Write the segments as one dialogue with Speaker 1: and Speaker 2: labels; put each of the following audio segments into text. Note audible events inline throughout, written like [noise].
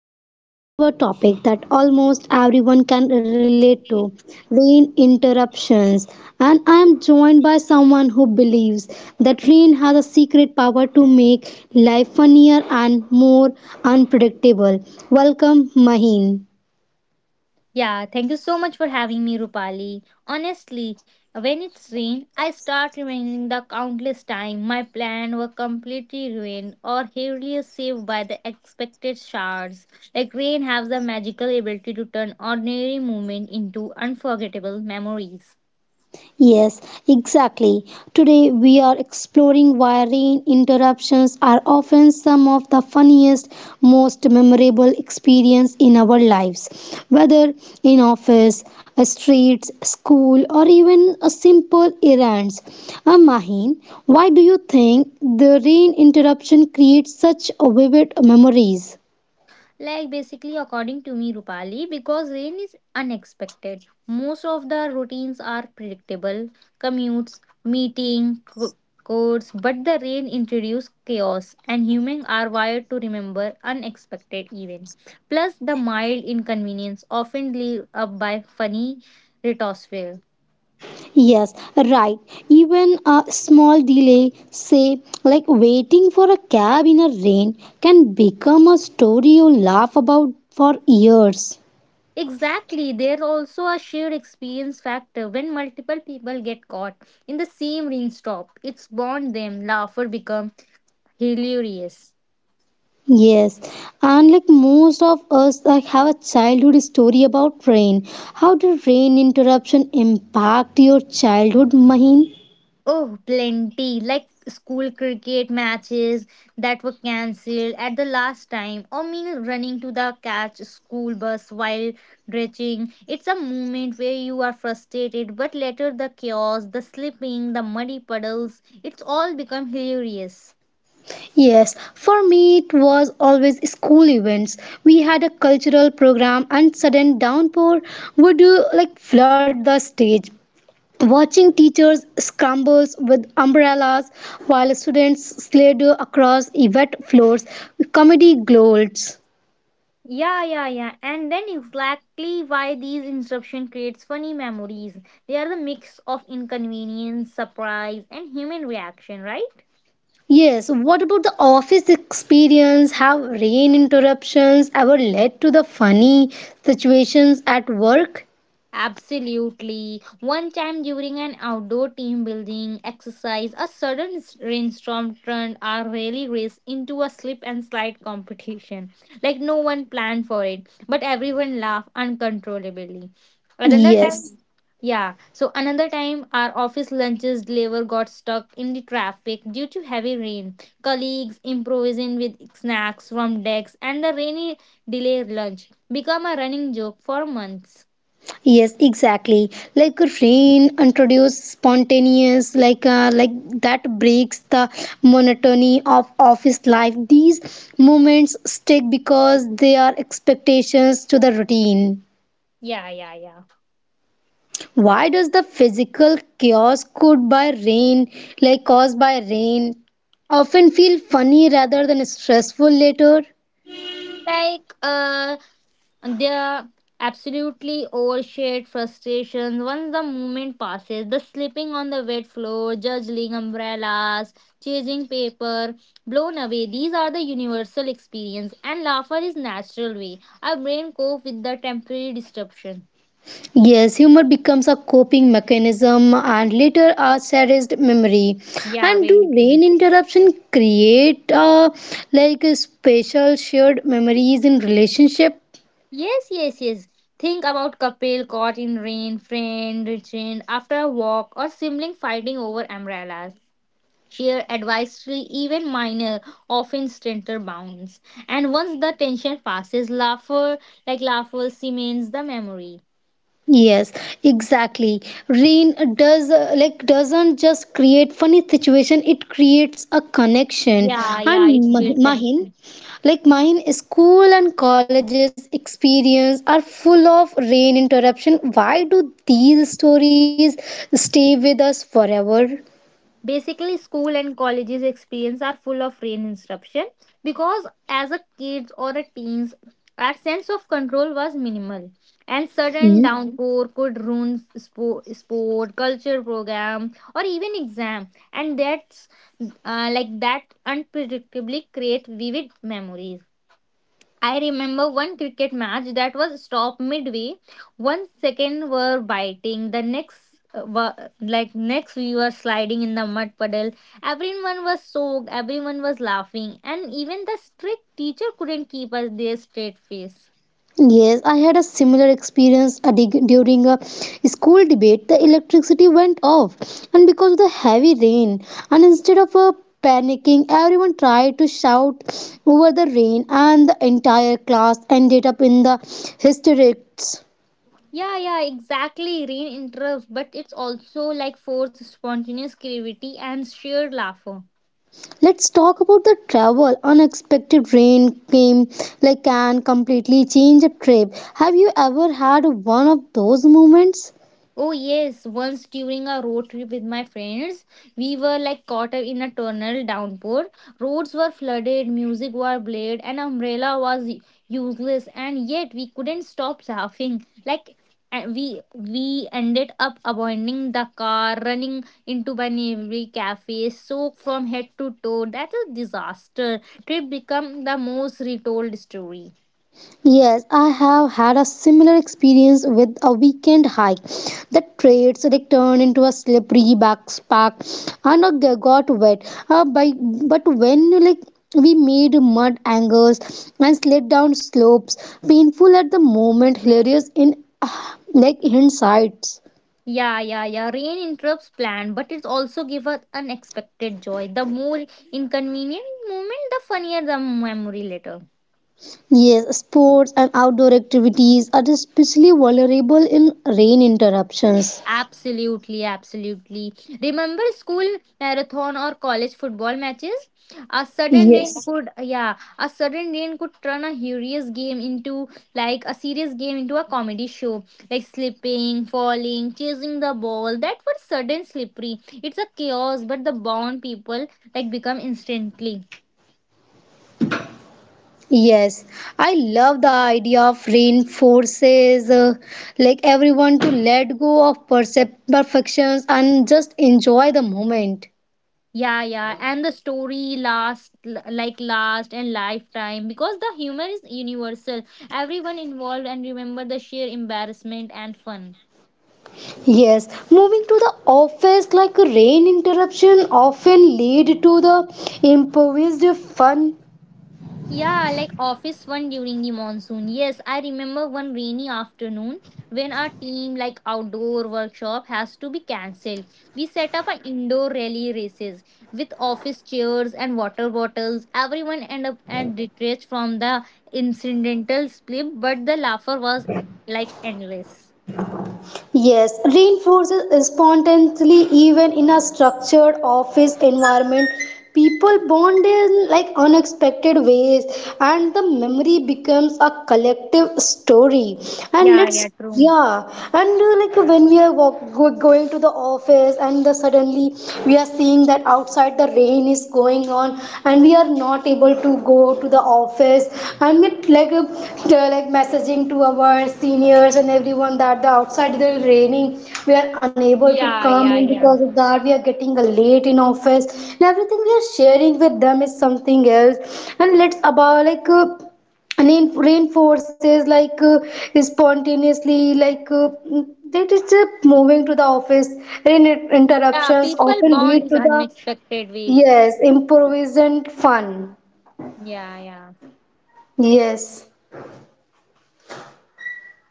Speaker 1: we are diving into a topic that almost everyone can relate to rain interruptions. And I am joined by someone who believes that rain has a secret power to make life funnier and more unpredictable. Welcome, Mahin.
Speaker 2: Yeah, thank you so much for having me, Rupali. Honestly, when it's rain, I start remembering the countless time my plan were completely ruined or heavily saved by the expected showers. Like rain has the magical ability to turn ordinary moment into unforgettable memories.
Speaker 1: Yes, exactly. Today we are exploring why rain interruptions are often some of the funniest, most memorable experience in our lives. Whether in office, a street, school, or even a simple errands. Mahin, why do you think the rain interruption creates such vivid memories?
Speaker 2: Like basically, according to me, Rupali, because rain is unexpected. Most of the routines are predictable, commutes, meeting, codes, but the rain introduces chaos, and humans are wired to remember unexpected events. Plus, the mild inconvenience often lead up by funny retortful.
Speaker 1: Yes, right. Even a small delay, say like waiting for a cab in a rain, can become a story you laugh about for years.
Speaker 2: Exactly, there's also a shared experience factor when multiple people get caught in the same rainstorm. It's bond them, laughter becomes hilarious.
Speaker 1: Yes, and like most of us like have a childhood story about rain. How did rain interruption impact your childhood, Mahin?
Speaker 2: Oh, plenty. Like school cricket matches that were cancelled at the last time, or me running to the catch school bus while dredging. It's a moment where you are frustrated, but later the chaos, the slipping, the muddy puddles, it's all become hilarious.
Speaker 1: Yes, for me it was always school events. We had a cultural program and sudden downpour would like flood the stage. Watching teachers scrambles with umbrellas while students slide across wet floors, comedy gloats.
Speaker 2: Yeah, yeah, yeah. And then exactly why these interruption creates funny memories. They are the mix of inconvenience, surprise, and human reaction, right?
Speaker 1: Yes, what about the office experience? Have rain interruptions ever led to the funny situations at work?
Speaker 2: Absolutely. One time during an outdoor team building exercise, a sudden rainstorm turned our rally race into a slip and slide competition. Like no one planned for it, but everyone laughed uncontrollably. Another time,
Speaker 1: Yes.
Speaker 2: mhm, yeah. So another time, our office lunches deliver got stuck in the traffic due to heavy rain. Colleagues improvising with snacks from decks, and the rainy delay lunch become a running joke for months.
Speaker 1: Yes, exactly. Like rain introduces spontaneous, like that breaks the monotony of office life. These moments stick because they are expectations to the routine.
Speaker 2: Yeah, yeah, yeah.
Speaker 1: Why does the physical chaos caused by rain, like caused by rain, often feel funny rather than stressful later?
Speaker 2: Like, their absolutely overshared frustrations. Once the moment passes, the slipping on the wet floor, juggling umbrellas, chasing paper, blown away. These are the universal experience, and laughter is natural way our brain cope with the temporary disruption.
Speaker 1: Yes, humor becomes a coping mechanism and later a cherished memory.
Speaker 2: Yeah,
Speaker 1: And
Speaker 2: very
Speaker 1: do brain
Speaker 2: good.
Speaker 1: interruption create like a special shared memories in relationship?
Speaker 2: Yes, yes, yes. Think about couple caught in rain, friend restrained after a walk, or sibling fighting over umbrellas. Sheer advisory, even minor, often strengther bounds. And once the tension passes, laughter, laughter, cements the memory.
Speaker 1: Yes, exactly. Rain does like doesn't just create funny situation, it creates a connection.
Speaker 2: Yeah, yeah,
Speaker 1: And
Speaker 2: it's built
Speaker 1: Mahin,
Speaker 2: connection.
Speaker 1: like mine, school and colleges experience are full of rain interruption. Why do these stories stay with us forever?
Speaker 2: Basically school and colleges experience are full of rain interruption because as a kids or a teens our sense of control was minimal and
Speaker 1: Hmm?
Speaker 2: sudden downpour could ruin sport, sport culture program or even exam, and that unpredictably create vivid memories. I remember one cricket match that was stopped midway. One second were biting, the next were like next we were sliding in the mud puddle. Everyone was soaked, everyone was laughing, and even the strict teacher couldn't keep us their straight face.
Speaker 1: Yes, I had a similar experience a during a school debate. The electricity went off, and because of the heavy rain, and instead of panicking, everyone tried to shout over the rain, and the entire class ended up in the hysterics.
Speaker 2: Yeah, yeah, exactly. Rain interrupts, but it's also like forced spontaneous creativity and sheer laughter.
Speaker 1: Let's talk about the travel. Unexpected rain came like can completely change a trip. Have you ever had one of those moments?
Speaker 2: Oh yes, once during a road trip with my friends, we were like caught up in a tornado downpour. Roads were flooded, music was played, an umbrella was useless, and yet we couldn't stop laughing. Like we ended up abandoning the car, running into by neighboring cafe, soaked from head to toe. That's a disaster. Trip become the most retold story.
Speaker 1: Yes, I have had a similar experience with a weekend hike. The trails they turned into a slippery backpack and I got wet. But when like we made mud angles and slid down slopes, painful at the moment, hilarious in [sighs] like hindsight.
Speaker 2: Yeah, yeah, yeah. Rain interrupts plan, but it also gives us unexpected joy. The more inconvenient moment, the funnier the memory later.
Speaker 1: Yes, sports and outdoor activities are especially vulnerable in rain interruptions.
Speaker 2: Absolutely, absolutely. Remember school marathon or college football matches? A sudden rain
Speaker 1: Yes.
Speaker 2: could, yeah, a sudden rain could turn a hilarious game into like a serious game into a comedy show, like slipping, falling, chasing the ball. That was sudden slippery. It's a chaos, but the bond people like become instantly.
Speaker 1: Yes, I love the idea of reinforces like everyone to let go of perfections and just enjoy the moment.
Speaker 2: Yeah, yeah, and the story last l- like last and lifetime because the humor is universal. Everyone involved and remember the sheer embarrassment and fun.
Speaker 1: Yes, moving to the office like rain interruption often lead to the improvised fun.
Speaker 2: Yeah, like office one during the monsoon. Yes, I remember one rainy afternoon when our team like outdoor workshop has to be cancelled. We set up an indoor rally races with office chairs and water bottles. Everyone end up at retreat from the incidental slip, but the laughter was like endless.
Speaker 1: Yes, reinforces spontaneously even in a structured office environment. People bond in like unexpected ways, and the memory becomes a collective story. And
Speaker 2: Yeah,
Speaker 1: let's
Speaker 2: yeah, true.
Speaker 1: yeah, and like when we are going to the office, and the, suddenly we are seeing that our outside the rain is going on and we are not able to go to the office and we like uh, messaging to our seniors and everyone that the outside is raining we are unable to
Speaker 2: Yeah,
Speaker 1: come and
Speaker 2: yeah,
Speaker 1: because
Speaker 2: yeah.
Speaker 1: of that we are getting late in office and everything we are sharing with them is something else and let's about and in reinforces spontaneously like uh, that is moving to the office in
Speaker 2: Yeah,
Speaker 1: interruptions
Speaker 2: people
Speaker 1: often
Speaker 2: bond
Speaker 1: lead
Speaker 2: is
Speaker 1: to the
Speaker 2: unexpected way.
Speaker 1: Yes, improvised fun.
Speaker 2: Yeah, yeah.
Speaker 1: Yes.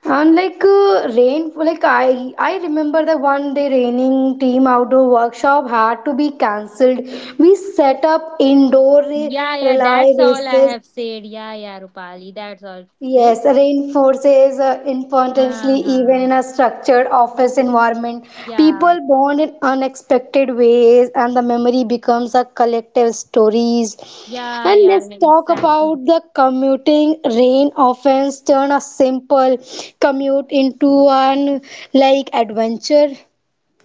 Speaker 1: And rain, like I remember the one day raining team outdoor workshop had to be cancelled. We set up indoor
Speaker 2: Yeah, yeah,
Speaker 1: relay
Speaker 2: that's all I
Speaker 1: races.
Speaker 2: have said. Yeah, yeah, Rupali, that's all to say.
Speaker 1: Yes, rain forces importantly
Speaker 2: Uh
Speaker 1: even
Speaker 2: huh.
Speaker 1: in a structured office environment.
Speaker 2: Yeah,
Speaker 1: People bond in unexpected ways, and the memory becomes a collective stories.
Speaker 2: yeah,
Speaker 1: And
Speaker 2: yeah,
Speaker 1: let's talk
Speaker 2: exactly.
Speaker 1: about the commuting. Rain often turn a simple commute into an like adventure.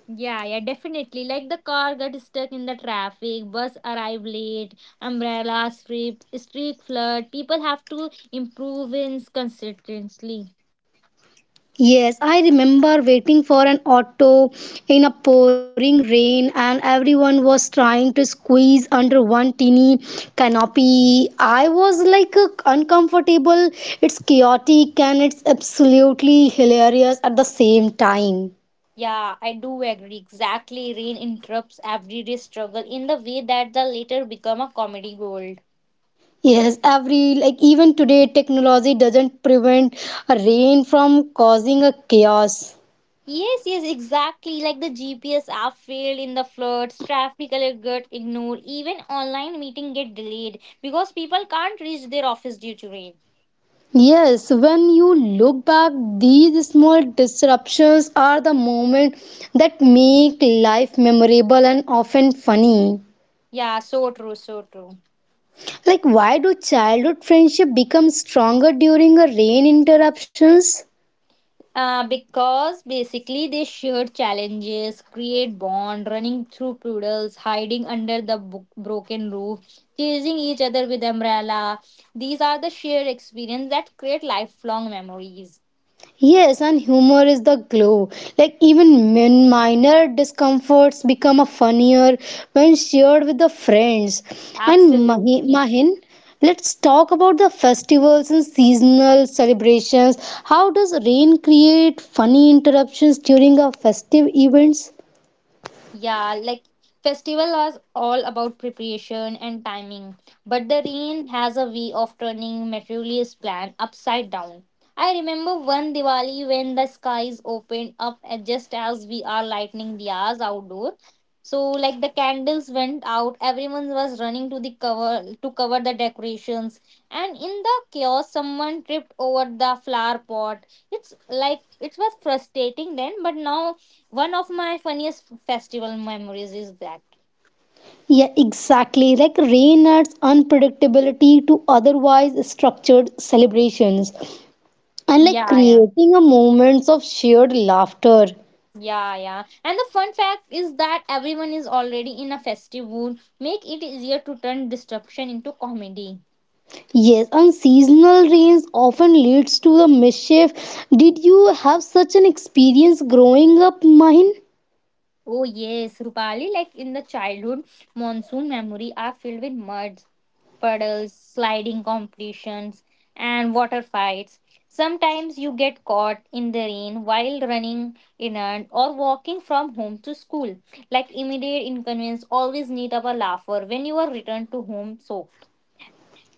Speaker 2: Yeah, yeah, definitely. Like the car got stuck in the traffic, bus arrived late, umbrella strip, streak flood. People have to improve in consistency.
Speaker 1: Yes, I remember waiting for an auto in a pouring rain, and everyone was trying to squeeze under one teeny canopy. I was uncomfortable. It's chaotic and it's absolutely hilarious at the same time.
Speaker 2: Yeah, I do agree. Exactly. Rain interrupts everyday struggle in the way that the later become a comedy gold.
Speaker 1: Yes, every like even today, technology doesn't prevent a rain from causing a chaos.
Speaker 2: Yes, yes, exactly. Like the GPS app failed in the floods, traffic alert got ignored, even online meeting get delayed because people can't reach their office due to rain.
Speaker 1: Yes, when you look back, these small disruptions are the moment that make life memorable and often funny.
Speaker 2: Yeah, so true, so true.
Speaker 1: Like, why do childhood friendship become stronger during a rain interruptions?
Speaker 2: Because basically they share challenges, create bond, running through puddles, hiding under the broken roof, chasing each other with umbrella. These are the shared experience that create lifelong memories.
Speaker 1: Yes, and humor is the glue. Like even minor discomforts become a funnier when shared with the friends. And
Speaker 2: Absolutely.
Speaker 1: Mahin, let's talk about the festivals and seasonal celebrations. How does rain create funny interruptions during our festive events?
Speaker 2: Yeah, like festival are all about preparation and timing, but the rain has a way of turning materialist plan upside down. I remember one Diwali when the skies opened up and just as we are lighting diyas outdoor. So like the candles went out, everyone was running to the cover to cover the decorations, and in the chaos, someone tripped over the flower pot. It's like it was frustrating then, but now one of my funniest festival memories is that.
Speaker 1: Yeah, exactly. Like rain adds unpredictability to otherwise structured celebrations and like
Speaker 2: Yeah, yeah,
Speaker 1: creating a moments of shared laughter.
Speaker 2: yeah, yeah, and the fun fact is that everyone is already in a festive mood make it easier to turn disruption into comedy.
Speaker 1: Yes, unseasonal rains often leads to the mischief. Did you have such an experience growing up, Mahin?
Speaker 2: Oh yes, Rupali, like in the childhood, monsoon memory are filled with muds, puddles, sliding competitions, and water fights. Sometimes you get caught in the rain while running errand or walking from home to school. Like immediate inconvenience always need up a laugher when you are returned to home soaked.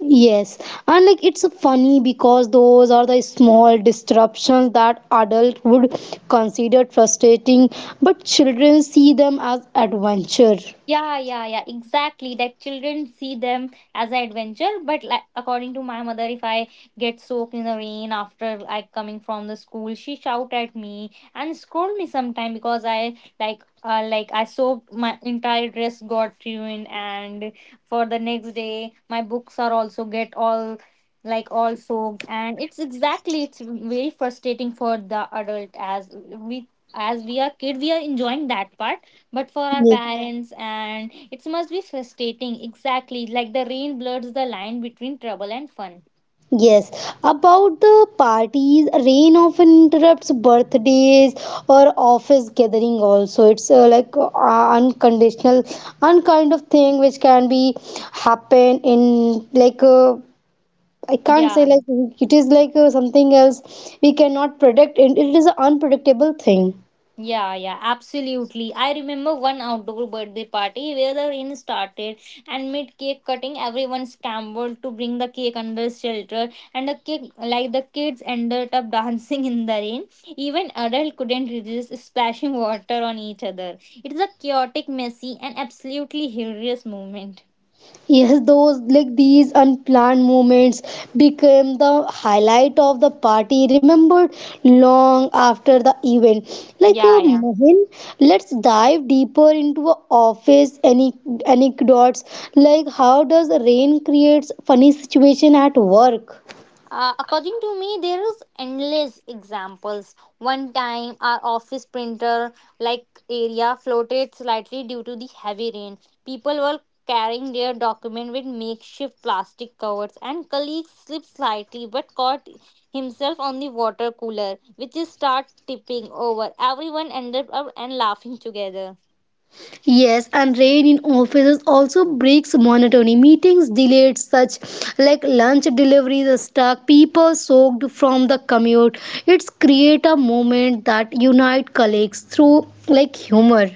Speaker 1: Yes, and like it's funny because those are the small disruptions that adults would consider frustrating, but children see them as adventure.
Speaker 2: Yeah, yeah, yeah, exactly. That children see them as an adventure, but like according to my mother, if I get soaked in the rain after like coming from the school, she shout at me and scold me sometime because I like I soaked my entire dress got ruined, and for the next day my books are also get all soaked, and it's exactly it's very frustrating for the adult as we are kid we are enjoying that part but for our
Speaker 1: Yes.
Speaker 2: parents and it must be frustrating exactly like the rain blurs the line between trouble and fun.
Speaker 1: Yes, about the parties, rain often interrupts birthdays or office gathering also. It's unconditional, unkind of thing which can be happen in I can't say
Speaker 2: Yeah,
Speaker 1: like it is something else we cannot predict and it is an unpredictable thing.
Speaker 2: yeah, yeah, absolutely. I remember one outdoor birthday party where the rain started and mid cake cutting everyone scrambled to bring the cake under shelter, and the cake like the kids ended up [laughs] dancing in the rain. Even adults couldn't resist splashing water on each other. It's a chaotic messy and absolutely hilarious moment.
Speaker 1: Yes, those like these unplanned moments became the highlight of the party, remembered long after the event.
Speaker 2: Yeah, yeah.
Speaker 1: Mohin, let's dive deeper into a office any anecdotes. Like how does rain creates funny situation at work?
Speaker 2: According to me, there is endless examples. One time, our office printer like area floated slightly due to the heavy rain. People were carrying their document with makeshift plastic covers, and colleague slipped slightly but caught himself on the water cooler, which is start tipping over. Everyone ended up and laughing together.
Speaker 1: Yes, and rain in offices also breaks monotony. Meetings delayed, such like lunch deliveries are stuck, people soaked from the commute. It's create a moment that unite colleagues through like humor.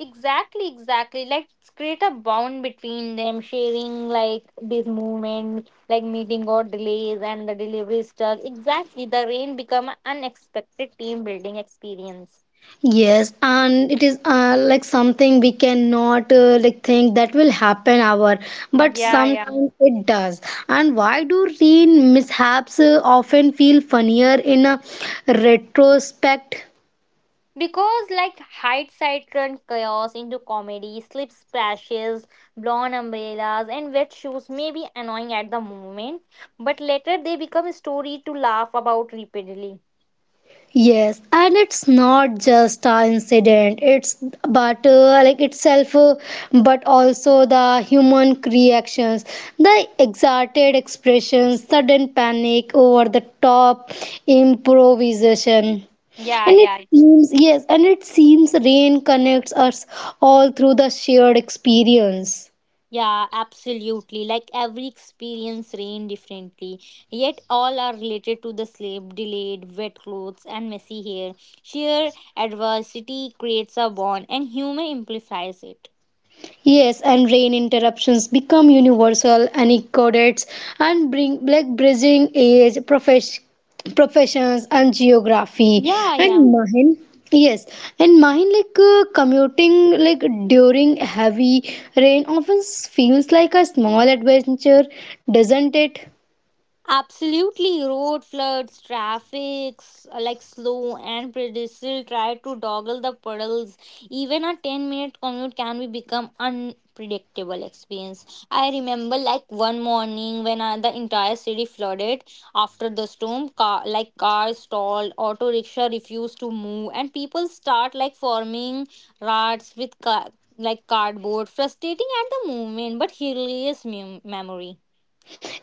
Speaker 2: Exactly, exactly. Like us create a bond between them, sharing like this moment, like meeting or delays and the delivery stuff. Exactly, the rain become an unexpected team building experience.
Speaker 1: Yes, and it is like something we cannot like think that will happen ever, but
Speaker 2: Yeah, yeah.
Speaker 1: sometimes it does. And why do rain mishaps often feel funnier in a retrospect?
Speaker 2: Because like hindsight turned chaos into comedy, slip splashes, blown umbrellas, and wet shoes may be annoying at the moment, but later they become a story to laugh about repeatedly.
Speaker 1: Yes, and it's not just a incident. It's but like itself, but also the human reactions, the exalted expressions, sudden panic, over the top improvisation,
Speaker 2: Yeah,
Speaker 1: and it
Speaker 2: yeah.
Speaker 1: seems yes, and it seems rain connects us all through the shared experience.
Speaker 2: Yeah, absolutely. Like every experience rain differently, yet all are related to the sleep, delayed, wet clothes, and messy hair. Sheer adversity creates a bond, and humor amplifies it.
Speaker 1: Yes, and rain interruptions become universal anecdotes and bring like bridging age, professions, and geography.
Speaker 2: Yeah, yeah.
Speaker 1: And mine, yes, and mine commuting like during heavy rain often feels like a small adventure, doesn't it?
Speaker 2: Absolutely, road floods, traffic, like slow and predictable try to doggle the puddles. Even a 10-minute commute can be become unpredictable experience. I remember like one morning when the entire city flooded after the storm, like cars stalled, auto rickshaw refused to move and people start like forming rats with like cardboard, frustrating at the moment but hilarious memory.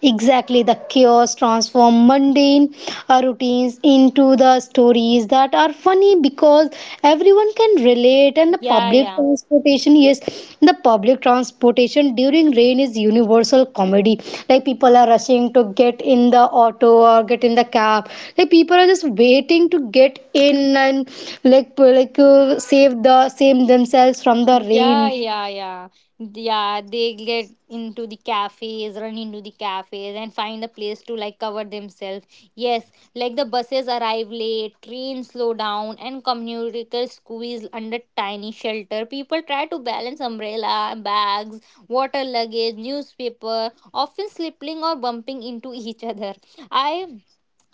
Speaker 1: Exactly, the chaos transform mundane routines into the stories that are funny because everyone can relate. And the
Speaker 2: Yeah,
Speaker 1: public
Speaker 2: yeah.
Speaker 1: transportation, yes, the public transportation during rain is universal comedy. Like people are rushing to get in the auto or get in the cab. Like people are just waiting to get in and save the save themselves from the
Speaker 2: Yeah,
Speaker 1: rain.
Speaker 2: yeah, yeah. Yeah, they get into the cafes, run into the cafes, and find a place to like cover themselves. Yes, like the buses arrive late, trains slow down, and commuters squeeze under tiny shelter. People try to balance umbrella, bags, water luggage, newspaper, often slipping or bumping into each other. I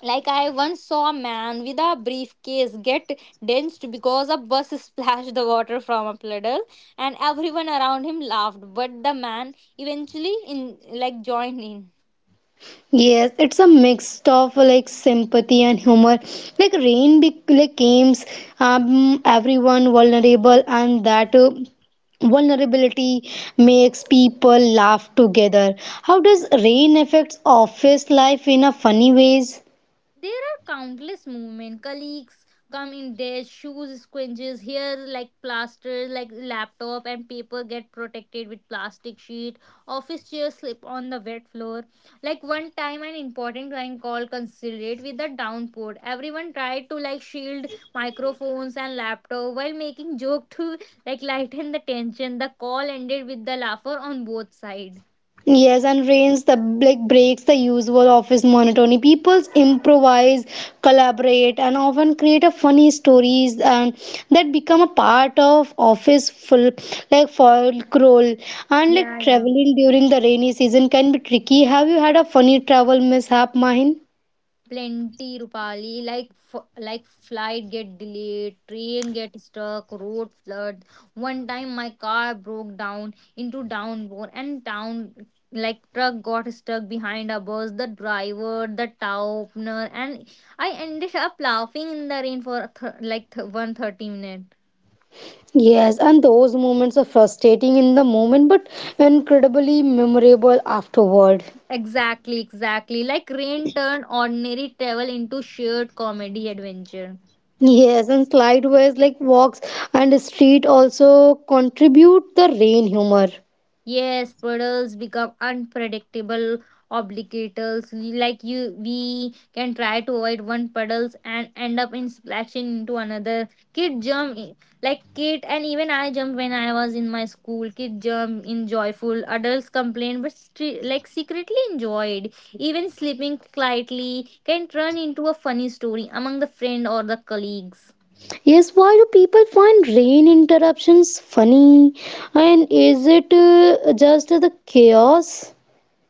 Speaker 2: I once saw a man with a briefcase get drenched because a bus [laughs] splashed the water from a puddle, and everyone around him laughed. But the man eventually in like joined in.
Speaker 1: Yes, it's a mix of like sympathy and humor. Like rain, like games, everyone vulnerable, and that vulnerability makes people laugh together. How does rain affects office life in a funny ways?
Speaker 2: There are countless movement. Colleagues come in their shoes, squinches here like plaster, like laptop and paper get protected with plastic sheet. Office chairs slip on the wet floor. Like one time an important client call considered with the downpour. Everyone tried to like shield microphones and laptop while making joke to like lighten the tension. The call ended with the laughter on both sides.
Speaker 1: Yes, and rains the like breaks the usual office monotony. People improvise, collaborate, and often create a funny stories and that become a part of office full like folklore. And like
Speaker 2: Yeah, yeah.
Speaker 1: traveling during the rainy season can be tricky. Have you had a funny travel mishap, Mahin?
Speaker 2: Plenty, Rupali. Like like flight get delayed, train get stuck, road flood. One time my car broke down into downpour and town like truck got stuck behind a bus. The driver, the tow opener, and I ended up laughing in the rain for 130 minutes.
Speaker 1: Yes, and those moments are frustrating in the moment, but incredibly memorable afterward.
Speaker 2: Exactly, exactly. Like rain turned ordinary travel into shared comedy adventure.
Speaker 1: Yes, and slideways like walks and street also contribute the rain humor.
Speaker 2: Yes, puddles become unpredictable obligators. Like you, we can try to avoid one puddles and end up in splashing into another. Like kid, and even I jump when I was in my school. Kid jump in joyful. Adults complain, but secretly enjoyed. Even sleeping slightly can turn into a funny story among the friend or the colleagues.
Speaker 1: Yes, why do people find rain interruptions funny? And is it just the chaos?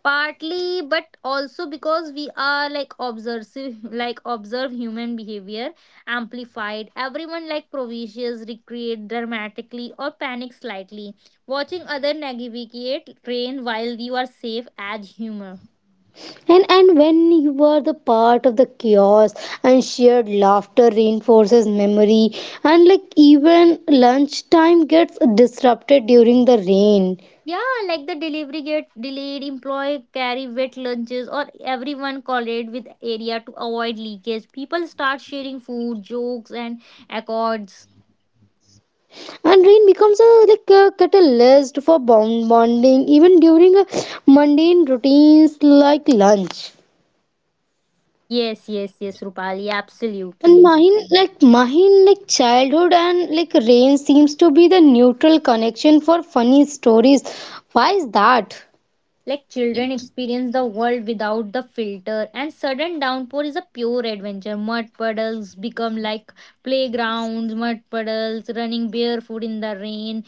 Speaker 2: Partly but also because we are like observe [laughs] like observe human behavior amplified. Everyone like provisions recreate dramatically or panic slightly, watching other navigate train while you are safe add humor.
Speaker 1: And when you are the part of the chaos and shared laughter reinforces memory and like even lunchtime gets disrupted during the rain.
Speaker 2: Yeah, like the delivery get delayed, employee carry wet lunches, or everyone collate with area to avoid leakage. People start sharing food jokes and accords.
Speaker 1: And rain becomes a like a catalyst for bonding even during mundane routines like lunch
Speaker 2: Yes, yes, yes, Rupali,
Speaker 1: and
Speaker 2: absolutely.
Speaker 1: mine like childhood and like rain seems to be the neutral connection for funny stories. Why is that?
Speaker 2: Like children experience the world without the filter, and sudden downpour is a pure adventure. Mud puddles become like playgrounds, mud puddles, running barefoot in the rain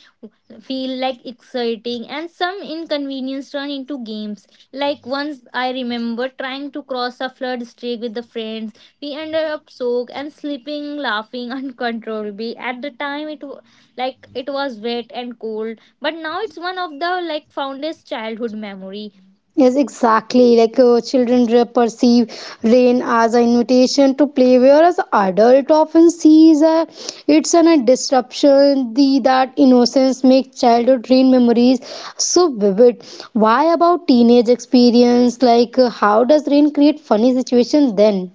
Speaker 2: feel like exciting, and some inconvenience turn into games. Like once I remember trying to cross a flood streak with the friends, we ended up soaked and sleeping, laughing [laughs] uncontrollably. At the time, it wa- like it was wet and cold, but now it's one of the like fondest childhood memory.
Speaker 1: Yes, exactly. Children perceive rain as an invitation to play, whereas adult often sees it's an, a disruption. The that innocence makes childhood rain memories so vivid. Why about teenage experience? Like, how does rain create funny situation then?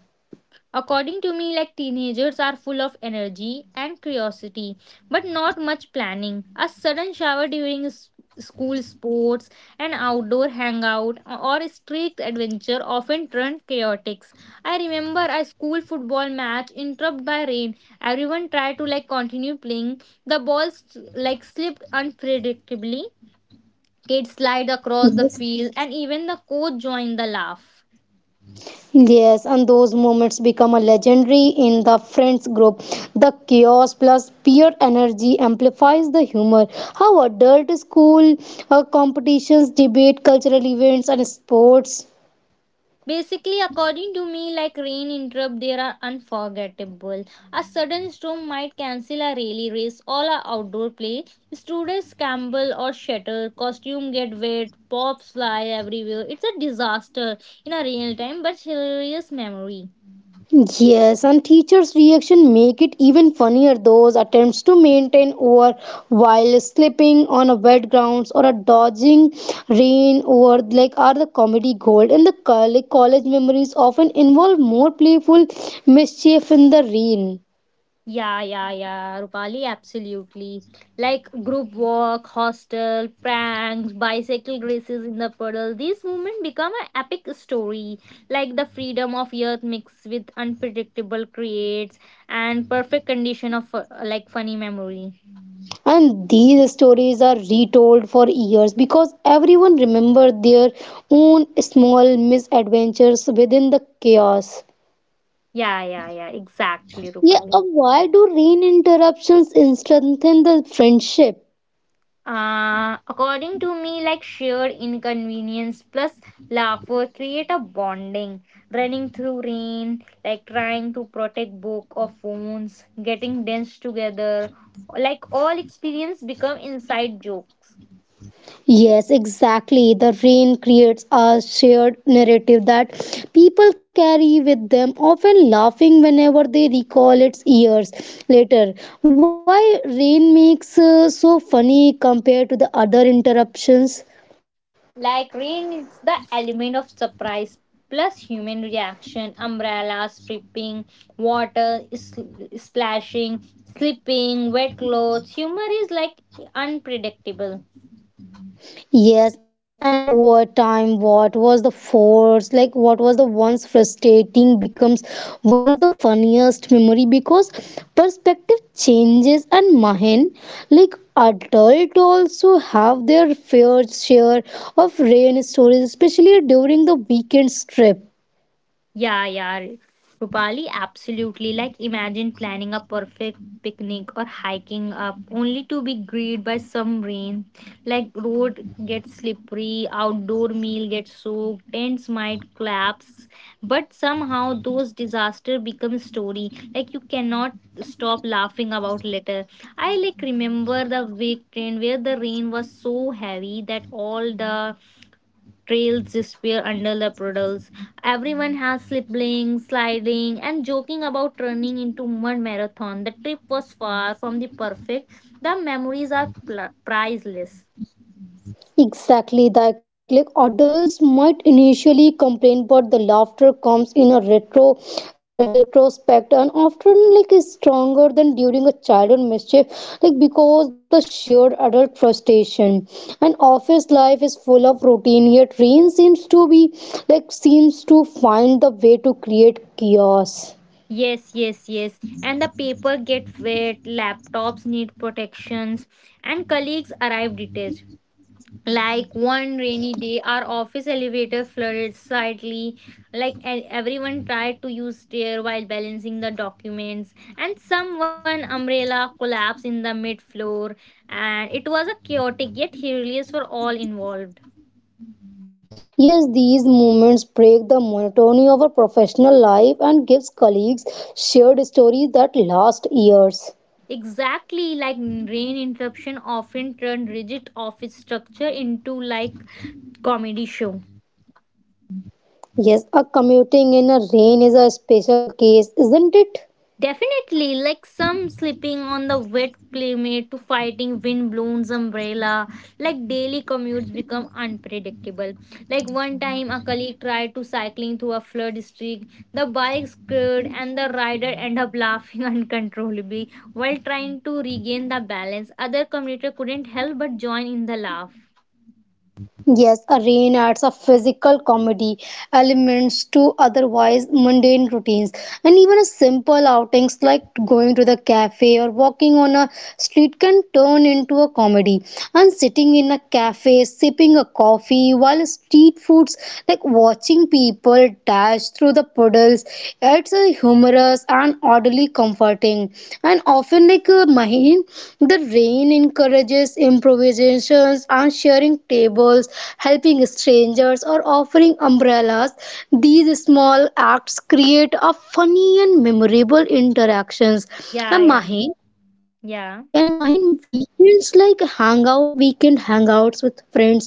Speaker 2: According to me, like teenagers are full of energy and curiosity, but not much planning. A sudden shower during school sports, an outdoor hangout, or a street adventure often turn chaotic. I remember a school football match interrupted by rain. Everyone tried to like continue playing. The balls like slipped unpredictably. Kids slide
Speaker 1: Yes.
Speaker 2: across the field, and even the coach joined the laugh.
Speaker 1: Yes, and those moments become a legendary in the friends group. The chaos plus peer energy amplifies the humor. How adult school competitions, debate, cultural events, and sports.
Speaker 2: Basically, according to me, like rain interrupt, they are unforgettable. A sudden storm might cancel a rally race, all a outdoor play. Students scramble or shatter, costume get wet, pops fly everywhere. It's a disaster in a real time but hilarious memory.
Speaker 1: Yes, and teachers' reaction make it even funnier. Those attempts to maintain over while slipping on a wet grounds or a dodging rain over like are the comedy gold. And the college, college memories often involve more playful mischief in the rain.
Speaker 2: Yeah, yeah, yeah, Rupali, absolutely. Like group work, hostel, pranks, bicycle races in the puddle, these moments become an epic story. Like the freedom of youth mixed with unpredictable creates and perfect condition of like funny memory.
Speaker 1: And these stories are retold for years because everyone remember their own small misadventures within the chaos.
Speaker 2: Yeah, yeah, yeah, exactly,
Speaker 1: Yeah,
Speaker 2: Rupali.
Speaker 1: why do rain interruptions strengthen the friendship?
Speaker 2: According to me, like shared inconvenience plus laughter create a bonding. Running through rain, like trying to protect book or phones, getting dense together, like all experience become inside joke.
Speaker 1: Yes, exactly. The rain creates a shared narrative that people carry with them, often laughing whenever they recall its years later. Why rain makes so funny compared to the other interruptions?
Speaker 2: Like rain, it's the element of surprise plus human reaction. Umbrellas flipping, water is splashing, slipping, wet clothes. Humor is like unpredictable.
Speaker 1: Yes, and over time, what was the once frustrating becomes one of the funniest memory because perspective changes and Mahen, like adult also have their fair share of rain stories, especially during the weekend trip.
Speaker 2: Yeah, yeah. Rupali, absolutely. Like, imagine planning a perfect picnic or hiking up only to be greeted by some rain. Like, road gets slippery, outdoor meal gets soaked, tents might collapse. But somehow, those disaster become story. Like, you cannot stop laughing about later. I like remember the wake train where the rain was so heavy that all the trails disappear under the puddles. Everyone has slipping, sliding, and joking about turning into mud marathon. The trip was far from the perfect. The memories are priceless.
Speaker 1: Exactly, that like adults might initially complain, but the laughter comes in a retro a retrospect and often like is stronger than during a childhood mischief, like because the shared adult frustration. And office life is full of routine, yet rain seems to be like seems to find the way to create chaos.
Speaker 2: Yes, yes, yes. And the paper get wet, laptops need protections, and colleagues arrive detached. Like one rainy day, our office elevator flooded slightly. Like everyone tried to use stair while balancing the documents, and someone umbrella collapsed in the mid floor, and it was a chaotic yet hilarious for all involved.
Speaker 1: Yes, these moments break the monotony of our professional life and gives colleagues shared stories that last years.
Speaker 2: Exactly, like rain interruption often turned rigid office structure into like comedy show.
Speaker 1: Yes, a commuting in a rain is a special case, isn't it?
Speaker 2: Definitely, like some sleeping on the wet playmate to fighting windblown's umbrella, like daily commutes become unpredictable. Like one time, a colleague tried to cycling through a flood district. The bike skidded, and the rider ended up laughing [laughs] uncontrollably while trying to regain the balance. Other commuter couldn't help but join in the laugh.
Speaker 1: Yes, a rain adds a physical comedy elements to otherwise mundane routines, and even a simple outings like going to the cafe or walking on a street can turn into a comedy. And sitting in a cafe, sipping a coffee while street foods like watching people dash through the puddles. It's a humorous and oddly comforting. And often, Mahin, the rain encourages improvisations and sharing tables, helping strangers, or offering umbrellas. These small acts create a funny and memorable interactions.
Speaker 2: Yeah, yeah,
Speaker 1: And Mahin,
Speaker 2: yeah.
Speaker 1: and mine weekend hangouts with friends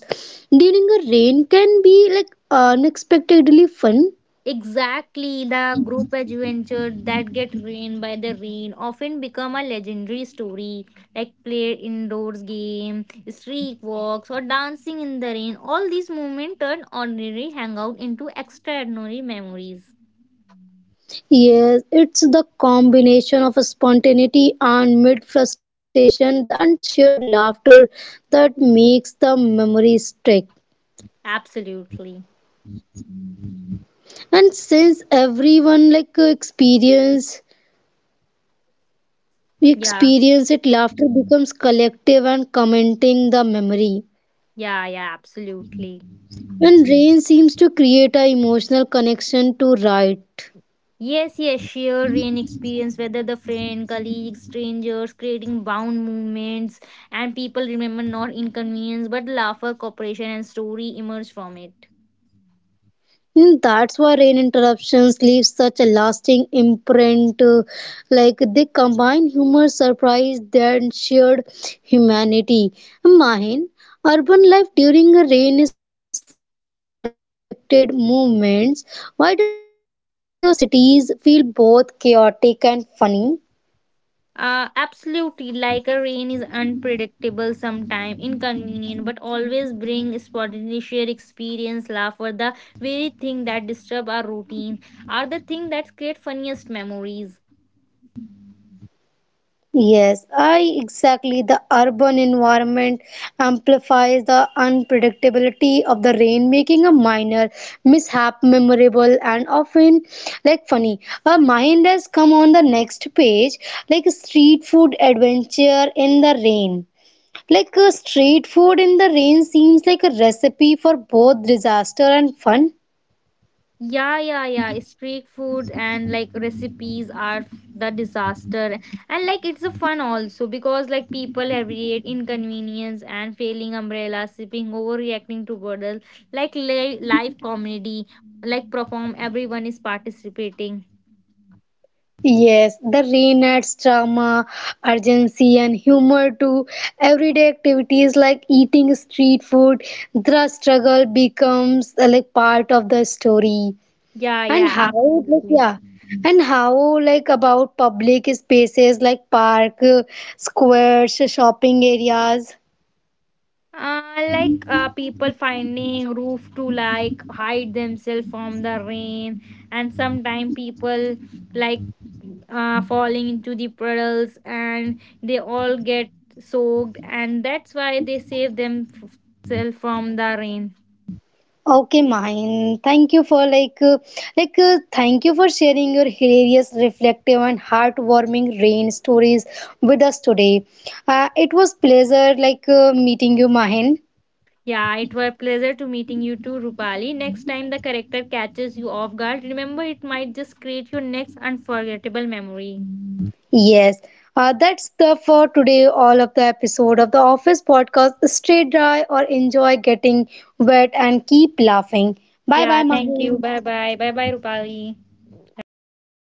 Speaker 1: during a rain can be like unexpectedly fun.
Speaker 2: Exactly, the group adventure that get ruined by the rain often become a legendary story, like play indoors game, street walks, or dancing in the rain. All these moments turn ordinary hangout into extraordinary memories.
Speaker 1: Yes, it's the combination of spontaneity and mid frustration and shared laughter that makes the memory stick.
Speaker 2: Absolutely.
Speaker 1: And since everyone like experience we
Speaker 2: Yeah,
Speaker 1: experience it, laughter becomes collective and commenting the memory.
Speaker 2: yeah, yeah, absolutely.
Speaker 1: And rain seems to create a emotional connection to write.
Speaker 2: Yes, yes, sheer rain experience, whether the friend, colleagues, strangers, creating bound movements, and people remember not inconvenience but laughter, cooperation, and story emerge from it.
Speaker 1: Mm, that's why rain interruptions leave such a lasting imprint. Like they combine humor, surprise, and shared humanity. Mine, urban life during a rain is full of unexpected movements. Why does rain make cities feel both chaotic and funny?
Speaker 2: Absolutely, like a rain is unpredictable, sometime inconvenient, but always bring spontaneous sheer experience, laughter, the very thing that disturb our routine, are the thing that create funniest memories.
Speaker 1: Yes, I exactly. The urban environment amplifies the unpredictability of the rain, making a minor mishap memorable and often like funny. A mind has come on the next page, like street food adventure in the rain. Like a street food in the rain seems like a recipe for both disaster and fun.
Speaker 2: Yeah, yeah, yeah. Street food and like recipes are the disaster. And like it's a fun also because like people have create inconvenience and failing umbrella, sipping, overreacting to bottles, live comedy, like perform, everyone is participating.
Speaker 1: Yes, the rain adds drama, urgency, and humor to everyday activities like eating street food. The struggle becomes like part of the story.
Speaker 2: Yeah,
Speaker 1: And
Speaker 2: yeah,
Speaker 1: how, like,
Speaker 2: absolutely.
Speaker 1: yeah, and how, like, about public spaces like park, squares, shopping areas.
Speaker 2: People finding roof to like hide themselves from the rain, and sometimes people like falling into the puddles and they all get soaked and that's why they save themselves from the rain.
Speaker 1: Okay, mine. Thank you for thank you for sharing your hilarious, reflective, and heartwarming rain stories with us today. It was pleasure meeting you, Mahin.
Speaker 2: Yeah, it was pleasure to meeting you too, Rupali. Next time the character catches you off guard, remember it might just create your next unforgettable memory.
Speaker 1: Yes. That's the for today all of the episode of the office podcast. Stay dry or enjoy getting wet and keep laughing. Bye
Speaker 2: Yeah,
Speaker 1: bye,
Speaker 2: thank
Speaker 1: Mahin.
Speaker 2: you. Bye bye, bye bye, Rupali. Have a nice day.